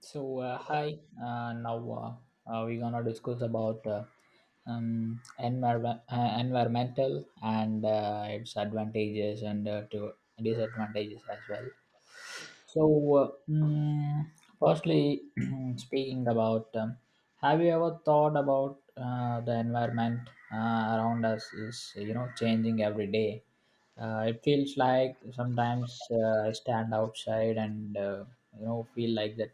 So, hi. Now, we're gonna discuss about environmental and its advantages and to disadvantages as well. So, firstly, speaking about, have you ever thought about the environment around us is changing every day? It feels like sometimes I stand outside and feel like that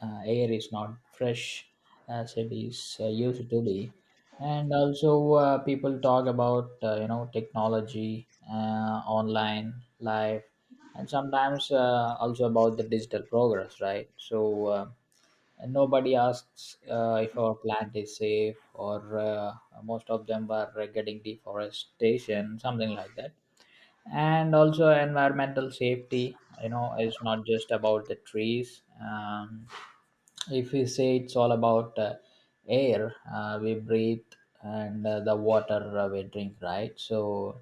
air is not fresh as it is used to be. And also people talk about technology, online life, and sometimes also about the digital progress, right? So and nobody asks if our plant is safe, or most of them were getting deforestation, something like that. And also environmental safety, it's not just about the trees. If we say it's all about air we breathe and the water we drink, right? So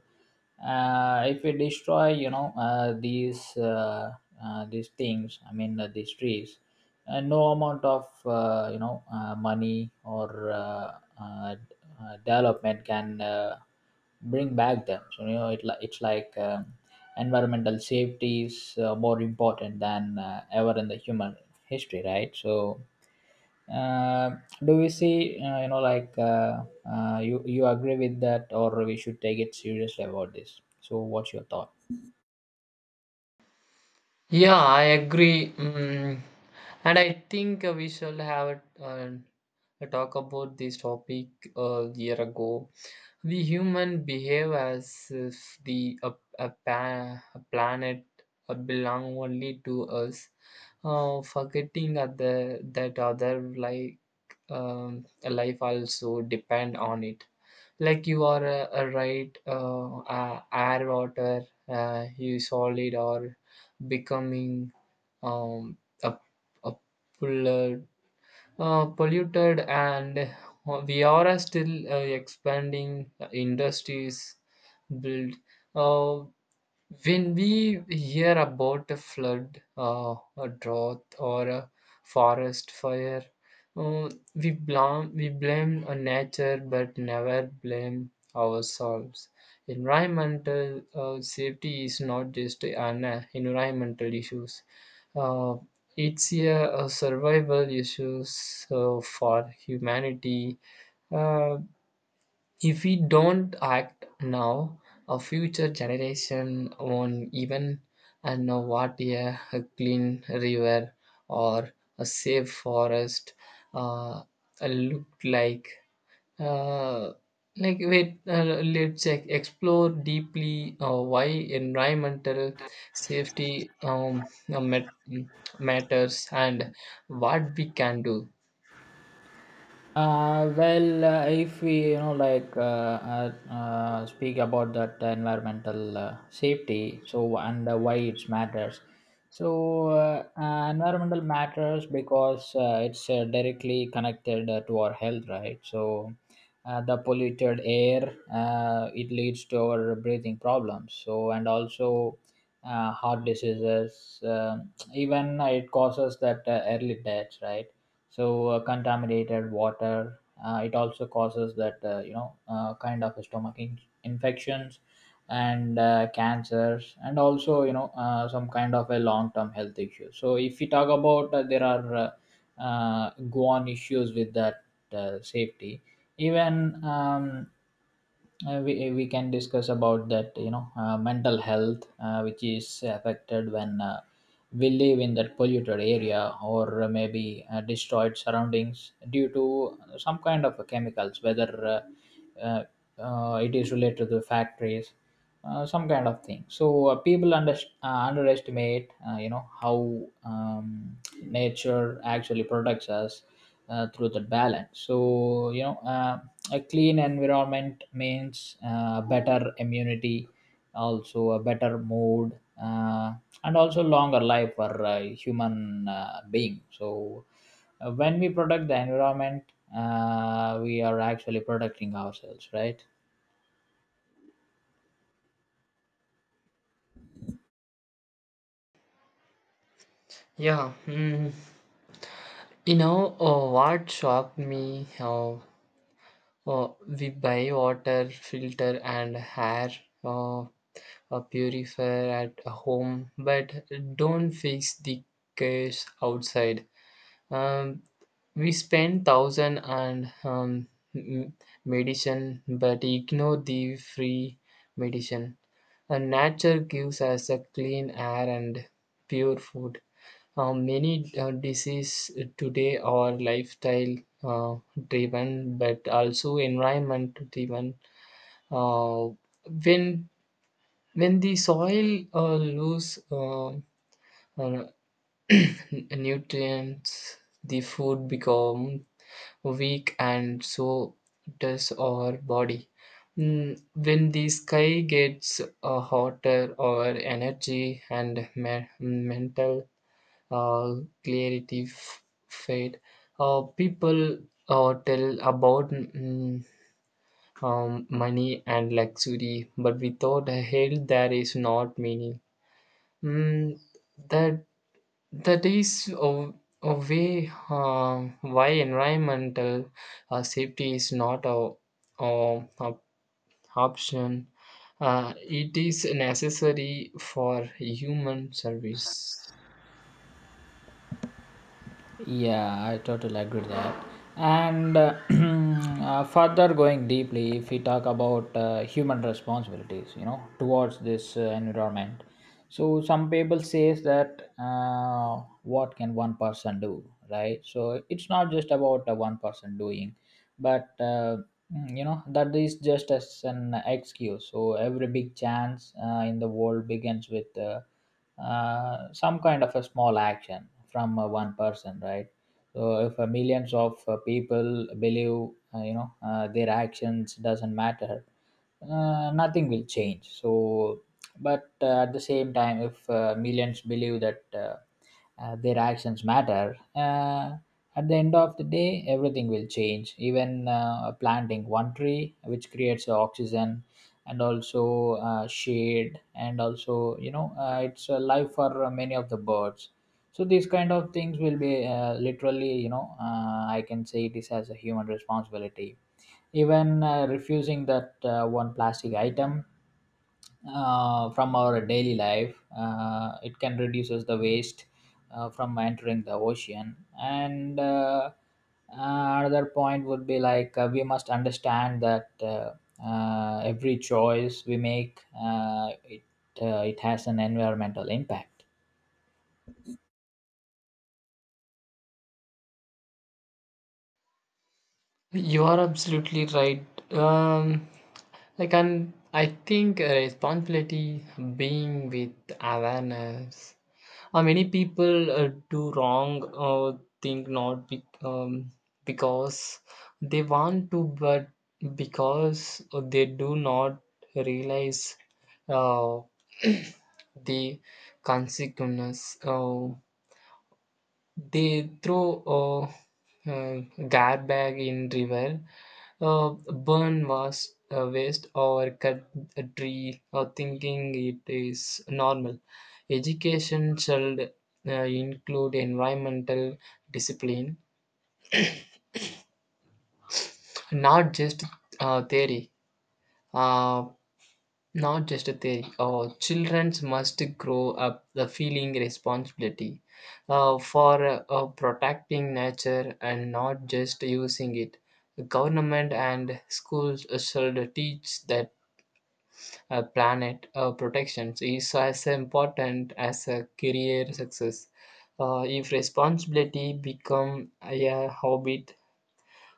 if we destroy, these things, I mean these trees, no amount of money or uh, d- development can bring back them. So, it's like environmental safety is more important than ever in the human history, right? So uh, do we see, you agree with that, or we should take it seriously about this? So what's your thought? Yeah, I agree. Mm. And I think we shall have a talk about this topic a year ago. The human behave as if the a, pa- a planet belong only to us, forgetting other, that other like life also depend on it. Like you are a right air, water, you solid or becoming um, a, a pillar polluted and we are still expanding industries built uh, when we hear about a flood, a drought, or a forest fire, uh, we blame a nature but never blame ourselves. Environmental safety is not just an environmental issues. Uh, it's a survival issue, so, for humanity. Uh, if we don't act now, a future generation won't even know what a clean river or a safe forest uh, look like. Uh, like wait, let's check. Explore deeply why environmental safety matters and what we can do. Well, if we speak about that environmental safety, so and why it matters. So environmental matters because it's directly connected to our health, right? So the polluted air, it leads to our breathing problems. So and also heart diseases, even it causes that early deaths, right? So contaminated water, it also causes that kind of stomach infections and cancers, and also some kind of a long term health issue. So if we talk about there are go on issues with that safety. Even we can discuss about that, mental health, which is affected when we live in that polluted area, or maybe destroyed surroundings due to some kind of chemicals, whether uh, uh, it is related to factories, some kind of thing. So people underestimate, how nature actually protects us through that balance. So, a clean environment means better immunity, also a better mood, and also longer life for human being. So when we protect the environment, we are actually protecting ourselves, right? Yeah, mm, you know what shocked me? We buy water filter and hair uh, a purifier at home, but don't fix the case outside. Um, we spend thousand on m- medicine, but ignore the free medicine. And nature gives us a clean air and pure food. Many diseases today are lifestyle uh, driven, but also environment driven. Uh, when when the soil lose uh, nutrients, the food become weak and so does our body. Mm. When the sky gets hotter, our energy and mental uh, clarity fade. People tell about money and luxury, but without a health, there is not meaning. Mm, that that is a way why environmental safety is not a option. It is necessary for human service. Yeah, I totally agree with that. And further going deeply, if we talk about human responsibilities, towards this environment, so some people says that what can one person do, right? So it's not just about one person doing, but mm, that is just as an excuse. So every big chance in the world begins with some kind of a small action from one person, right? So if millions of people believe their actions doesn't matter, nothing will change. So but at the same time, if millions believe that their actions matter, at the end of the day, everything will change. Even planting one tree, which creates oxygen and also shade, and also it's a life for many of the birds. So these kind of things will be literally, I can say this as a human responsibility. Even refusing that one plastic item from our daily life. It can reduces the waste from entering the ocean. And uh, another point would be like we must understand that every choice we make, it has an environmental impact. You are absolutely right. Um, like, and I think responsibility being with awareness. Many people do wrong thing not be, because they want to, but because they do not realize uh, the consequences. They throw uh, uh, garbage in river, burn waste or cut a tree or thinking it is normal. Education should include environmental discipline, not just theory. Uh, Not just a theory. Children must grow up the feeling responsibility for protecting nature and not just using it. The government and schools should teach that planet protections is as important as a career success. If responsibility become a habit,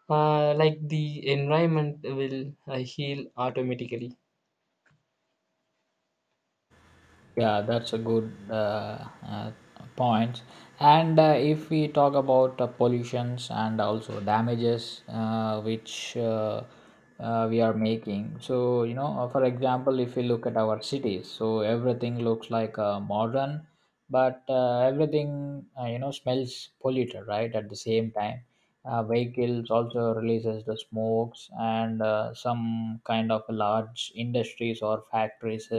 like the environment will heal automatically. Yeah, that's a good point. And if we talk about pollutions and also damages, which we are making. So, for example, if we look at our cities, so everything looks like modern, but everything smells polluted, right? At the same time, vehicles also releases the smokes, and some kind of large industries or factories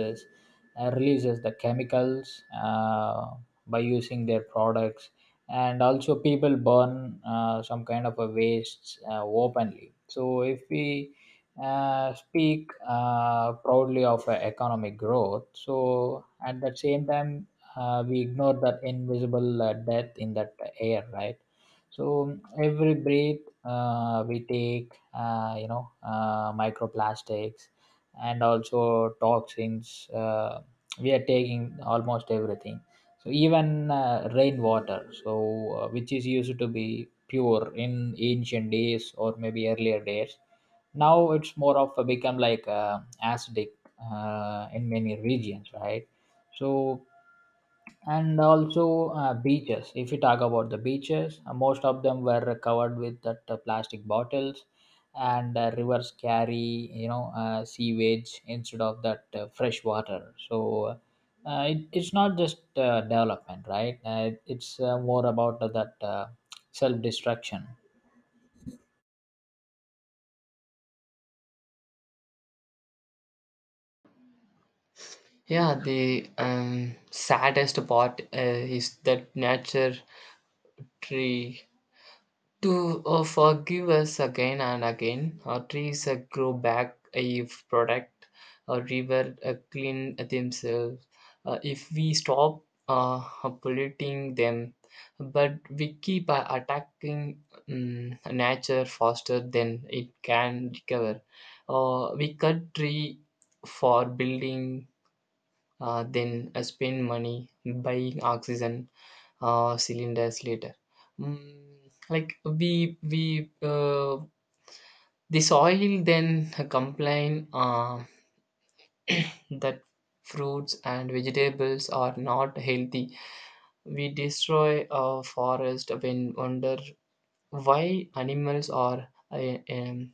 releases the chemicals by using their products, and also people burn some kind of a wastes openly. So if we speak proudly of economic growth, so at the same time we ignore that invisible death in that air, right? So every breath we take, microplastics and also toxins, we are taking almost everything. So even rainwater, so which is used to be pure in ancient days or maybe earlier days, now it's more of a become like acidic in many regions, right? So and also beaches, if you talk about the beaches, most of them were covered with that plastic bottles, and rivers carry sewage instead of that fresh water. So it's not just development, right? It's more about that self destruction. Yeah, the saddest part is that nature tree to forgive us again and again, our trees grow back if product or river clean themselves. If we stop uh, polluting them, but we keep attacking nature faster than it can recover. We cut tree for building, then spend money buying oxygen cylinders later. Mm, like we the soil then complain that fruits and vegetables are not healthy. We destroy a forest when wonder why animals are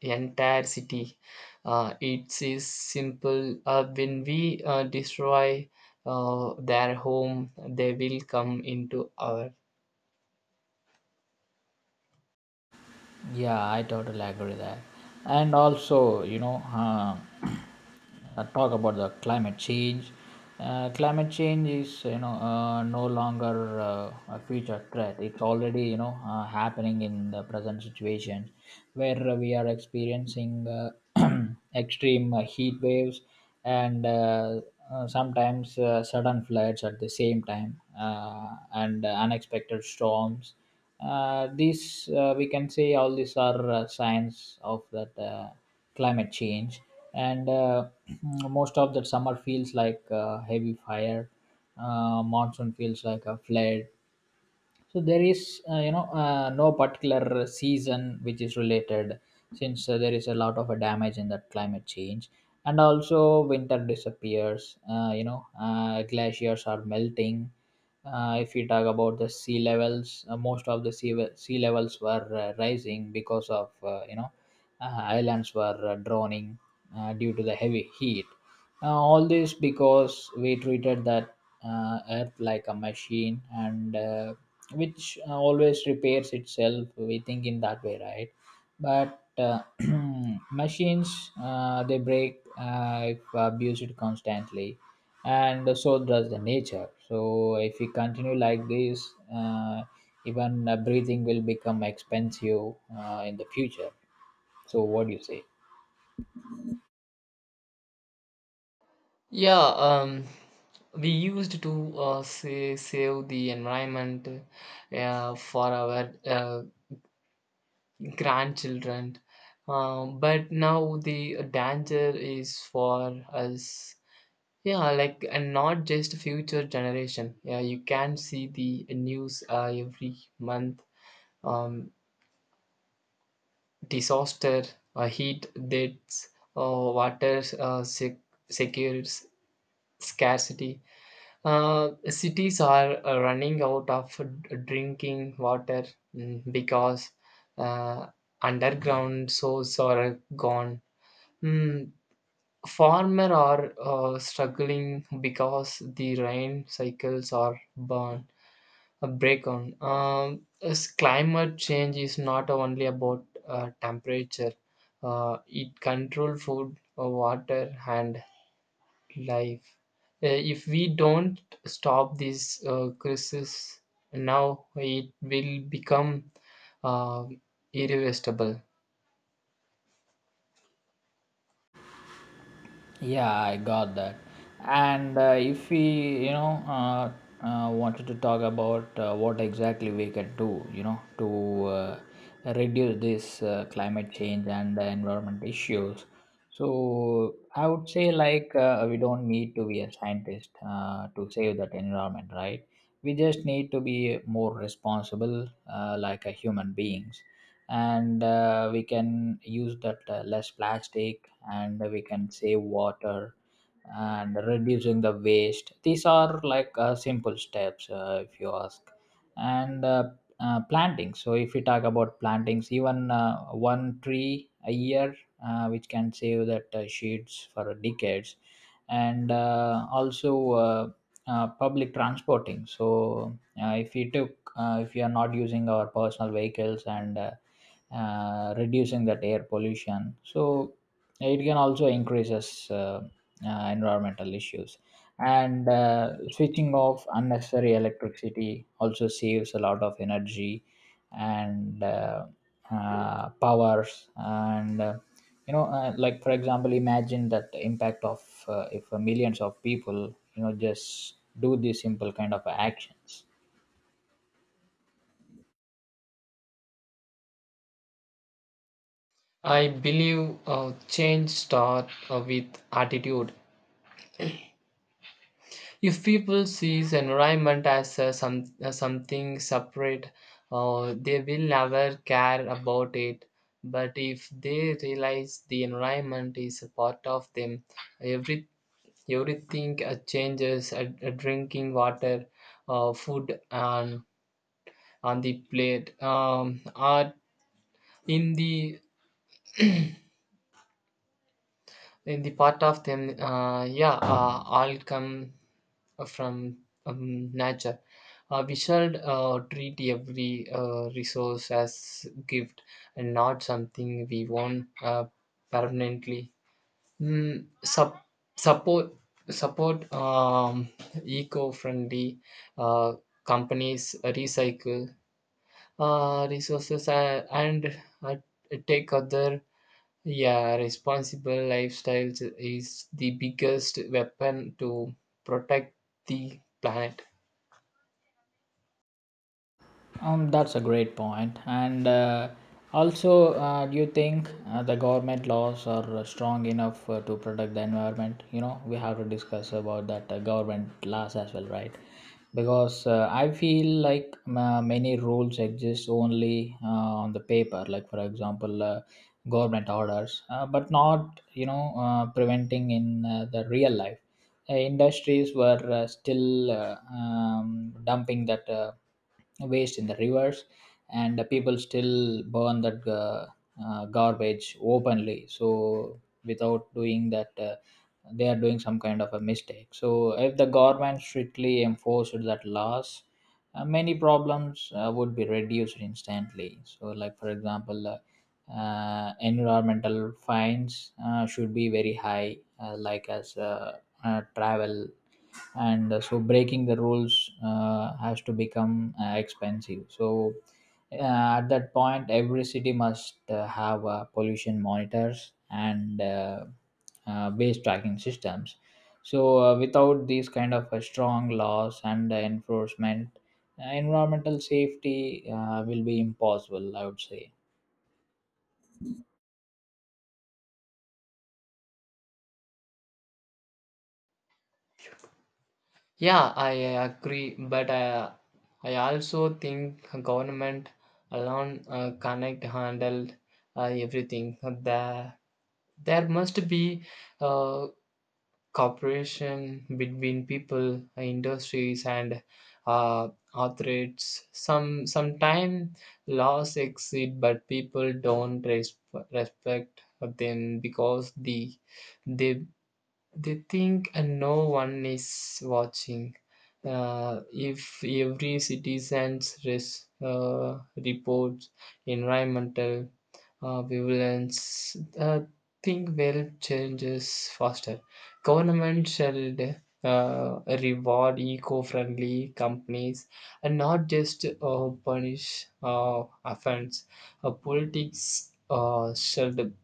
entire city. It is simple. When we destroy their home, they will come into our. Yeah, I totally agree with that. And also, talk about the climate change. Climate change is, no longer a future threat. It's already, happening in the present situation where we are experiencing extreme heat waves and sometimes sudden floods at the same time, and unexpected storms. These We can say all these are signs of that climate change. And most of that summer feels like heavy fire, monsoon feels like a flood. So there is no particular season which is related, since there is a lot of damage in that climate change. And also winter disappears, glaciers are melting. If we talk about the sea levels, most of the sea levels were rising because of islands were drowning due to the heavy heat. All this because we treated that earth like a machine and which always repairs itself, we think in that way, right? But machines, they break if abused constantly, and so does the nature. So if we continue like this, even breathing will become expensive in the future. So what do you say? Yeah, we used to say, save the environment for our grandchildren. But now the danger is for us, yeah, like, and not just future generation. Yeah, you can see the news every month, um, disaster, heat deaths, uh, water, secures scarcity. Cities are running out of drinking water, mm, because uh, underground sources are gone. Mm, farmer are struggling because the rain cycles are burned a breakdown. As climate change is not only about temperature. It controls food, water, and life. If we don't stop this crisis now, it will become uh, irreversible. Yeah, I got that. And if we, wanted to talk about what exactly we can do, to reduce this climate change and the environment issues. So I would say like we don't need to be a scientist to save that environment, right? We just need to be more responsible, like a human beings, and we can use that less plastic and we can save water and reducing the waste. These are like simple steps if you ask. And planting, so if we talk about plantings, even one tree a year which can save that sheets for decades, and also public transporting. So if we are not using our personal vehicles and reducing that air pollution. So it can also increases environmental issues. And switching off unnecessary electricity also saves a lot of energy and powers. And like, for example, imagine that the impact of if millions of people just do these simple kind of actions. I believe change starts with attitude. If people sees environment as something separate, they will never care about it. But if they realize the environment is a part of them, every everything changes. Drinking water, food on the plate, are in the in the part of them, yeah, all come from, nature. We should treat every resource as gift and not something we own permanently. Mm, sup- support Support eco-friendly uh, companies, recycle resources, and take other. Yeah, responsible lifestyles is the biggest weapon to protect the planet. That's a great point. And also, do you think the government laws are strong enough to protect the environment? You know, we have to discuss about that government laws as well, right? Because I feel like many rules exist only on the paper, like, for example, government orders, but not preventing in the real life. Industries were still dumping that. Waste in the rivers, and the people still burn that garbage openly. So without doing that, they are doing some kind of a mistake. So if the government strictly enforced that laws, many problems would be reduced instantly. So, like for example, environmental fines should be very high, like as travel. And so breaking the rules has to become expensive. So at that point, every city must have pollution monitors and base tracking systems. So without these kind of strong laws and enforcement, environmental safety will be impossible, I would say. Yeah, I agree, but I also think government alone cannot handle everything. There must be uh, cooperation between people, industries, and uh, authorities. Sometimes laws exist, but people don't respect them because they they think no one is watching. If every citizen's reports environmental vigilance, think will changes faster. Government should reward eco-friendly companies and not just punish offense. Politics should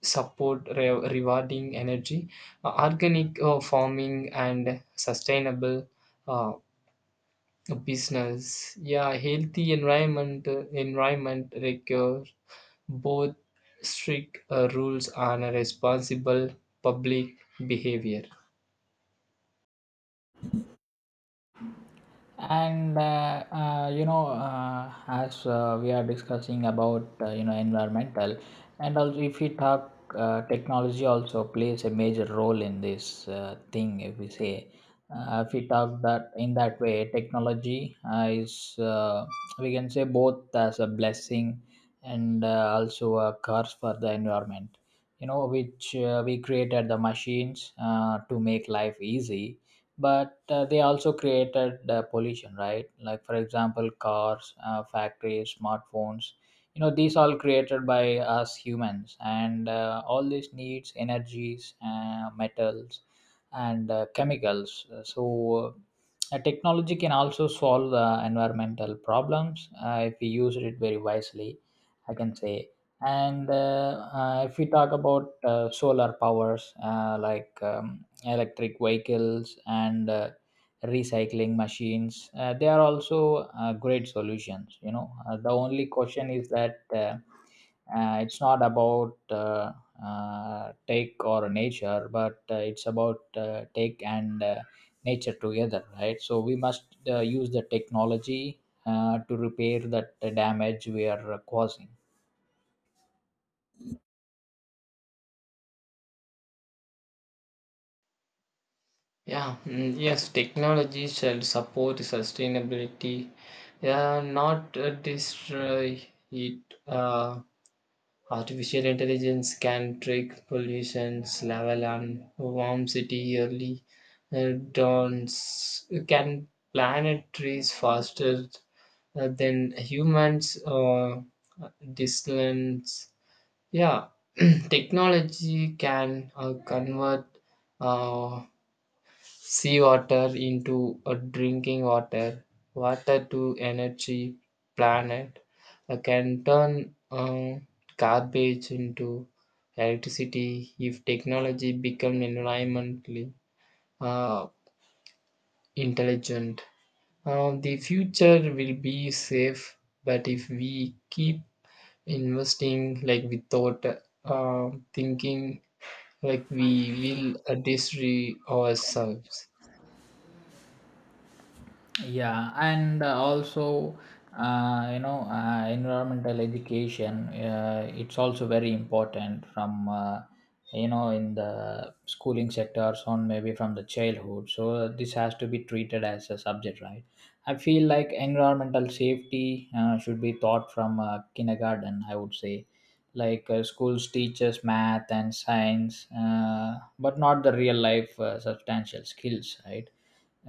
support rewarding energy, organic farming, and sustainable uh, business. Yeah, healthy environment requires both strict rules and a responsible public behavior. And as we are discussing about, environmental, and also if we talk, technology also plays a major role in this thing. If we say, if we talk that in that way, technology is, we can say, both as a blessing, and also a curse for the environment. You know, which we created the machines to make life easy, but they also created pollution, right? Like for example, cars, factories, smartphones. You know, these all created by us humans, and all these needs energies, metals, and chemicals. So technology can also solve the environmental problems if we use it very wisely, I can say. And if we talk about solar powers, like electric vehicles and recycling machines, they are also great solutions. You know, the only question is that, it's not about take or nature, but it's about take and nature together, right? So we must use the technology to repair that damage we are causing. Yeah, mm, yes, technology shall support sustainability, yeah, not destroy it. Artificial intelligence can track pollution, level, and warm city early dawns. Can plant trees faster than humans distance? Yeah, technology can convert uh, seawater into a drinking water, water to energy planet, can turn garbage into electricity if technology become environmentally uh, intelligent. The future will be safe, but if we keep investing like without thinking, like we will destroy ourselves. Yeah, and also, environmental education, it's also very important, from in the schooling sectors, on maybe from the childhood, so this has to be treated as a subject, right? I feel like environmental safety should be taught from kindergarten, I would say. Like schools teaches math and science, but not the real life substantial skills, right?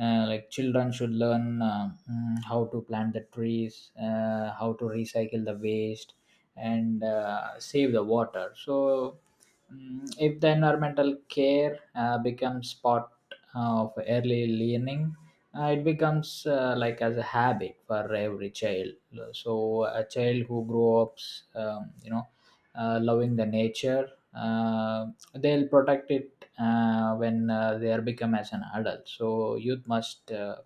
Like children should learn how to plant the trees, how to recycle the waste, and save the water. So if the environmental care becomes part of early learning, it becomes like as a habit for every child. So a child who grows up, you know, loving the nature. Uh, they'll protect it when they are become as an adult. So youth must uh,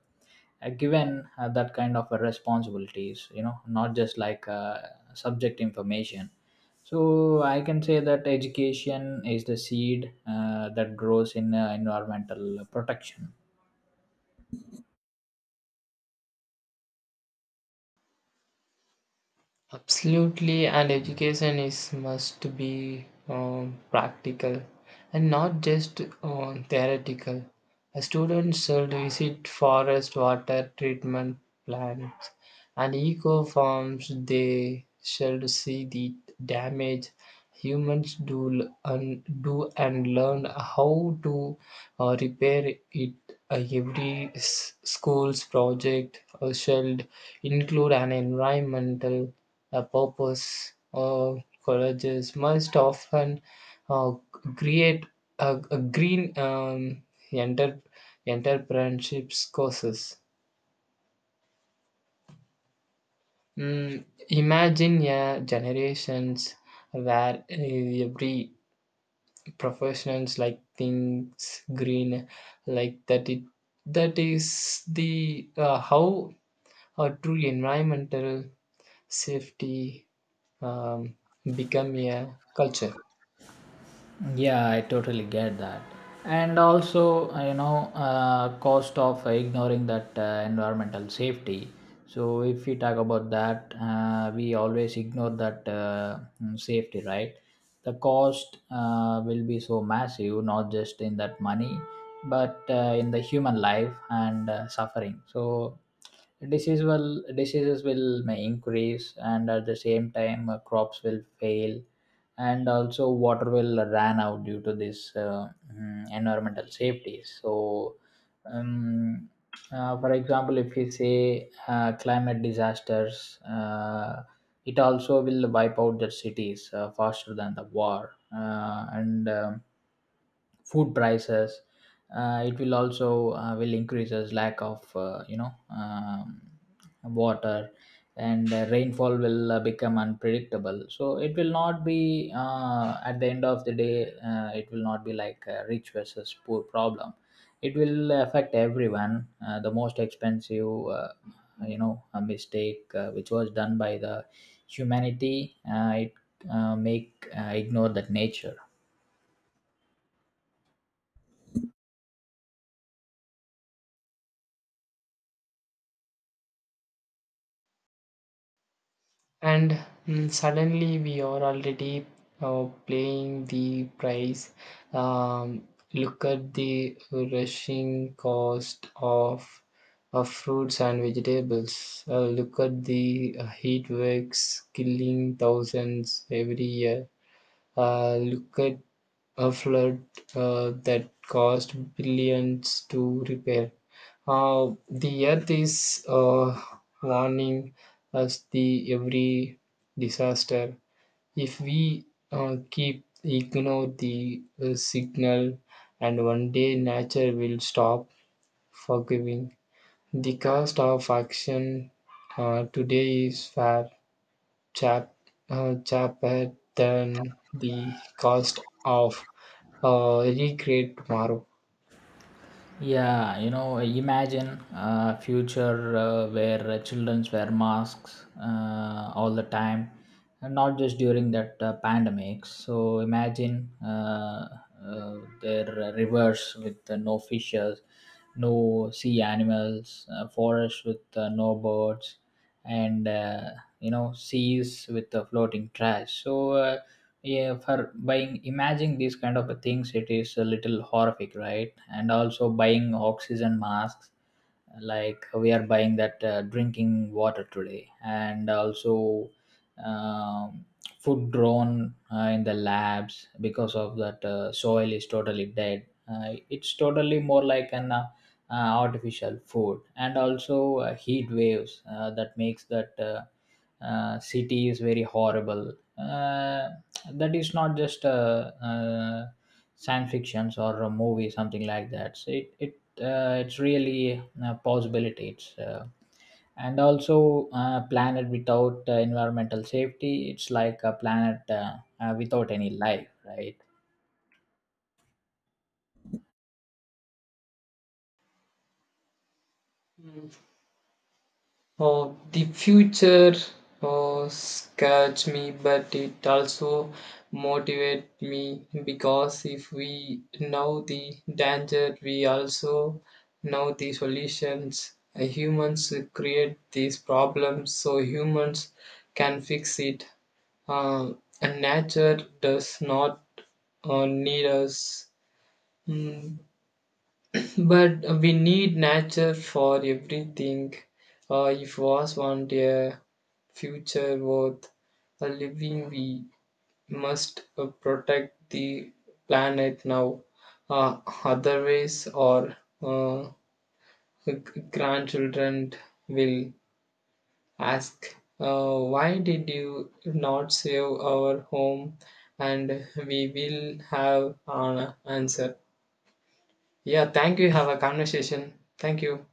uh, given that kind of responsibilities. You know, not just like subject information. So I can say that education is the seed that grows in environmental protection. Absolutely, and education is must be practical and not just theoretical. A student should visit forest water treatment plants and eco farms. They should see the damage humans and do and learn how to repair it. Every school's project should include an environmental a purpose. Colleges must often uh, create a green enter, entrepreneurships courses. Mm, imagine a generations where every professions like things green like that it that is the how a true environmental safety um, become a culture. Yeah, I totally get that. And also, cost of ignoring that environmental safety. So, if we talk about that, we always ignore that safety, right? The cost will be so massive, not just in that money, but in the human life and suffering. So, diseases will may increase, and at the same time, crops will fail, and also water will run out due to this environmental safety. So um, for example, if we say climate disasters, it also will wipe out the cities faster than the war, and food prices, it will also will increases lack of water, and rainfall will become unpredictable. So it will not be, at the end of the day, it will not be like a rich versus poor problem. It will affect everyone. The most expensive, a mistake which was done by the humanity, it make ignore that nature. And mm, suddenly we are already playing the price, um, look at the rushing cost of fruits and vegetables, look at the heat waves killing thousands every year, look at a flood that cost billions to repair. The earth is warning us the every disaster. If we keep ignore the signal, and one day nature will stop forgiving. The cost of action today is fair Chap, cheaper than the cost of any great tomorrow. Yeah, you know, imagine a future where childrens wear masks all the time, and not just during that pandemic. So imagine their rivers with no fishes, no sea animals, forests with no birds, and seas with floating trash. So. Yeah, for buying imagine these kind of a things, it is a little horrific, right? And also buying oxygen masks, like we are buying that drinking water today, and also um, food grown in the labs, because of that soil is totally dead. It's totally more like an artificial food, and also heat waves that makes that city is very horrible. That is not just science fictions or a movie, something like that. So it's really a possibility. It's and also a planet without environmental safety, it's like a planet without any life, right? Oh, the future, oh, scares me, but it also motivates me because if we know the danger, we also know the solutions. Humans create these problems, so humans can fix it. And nature does not need us, mm, but we need nature for everything. If was want a future worth a living, we must protect the planet now. Uh, Otherwise, our uh, g- grandchildren will ask, why did you not save our home? And we will have an answer. Yeah, thank you. Have a conversation. Thank you.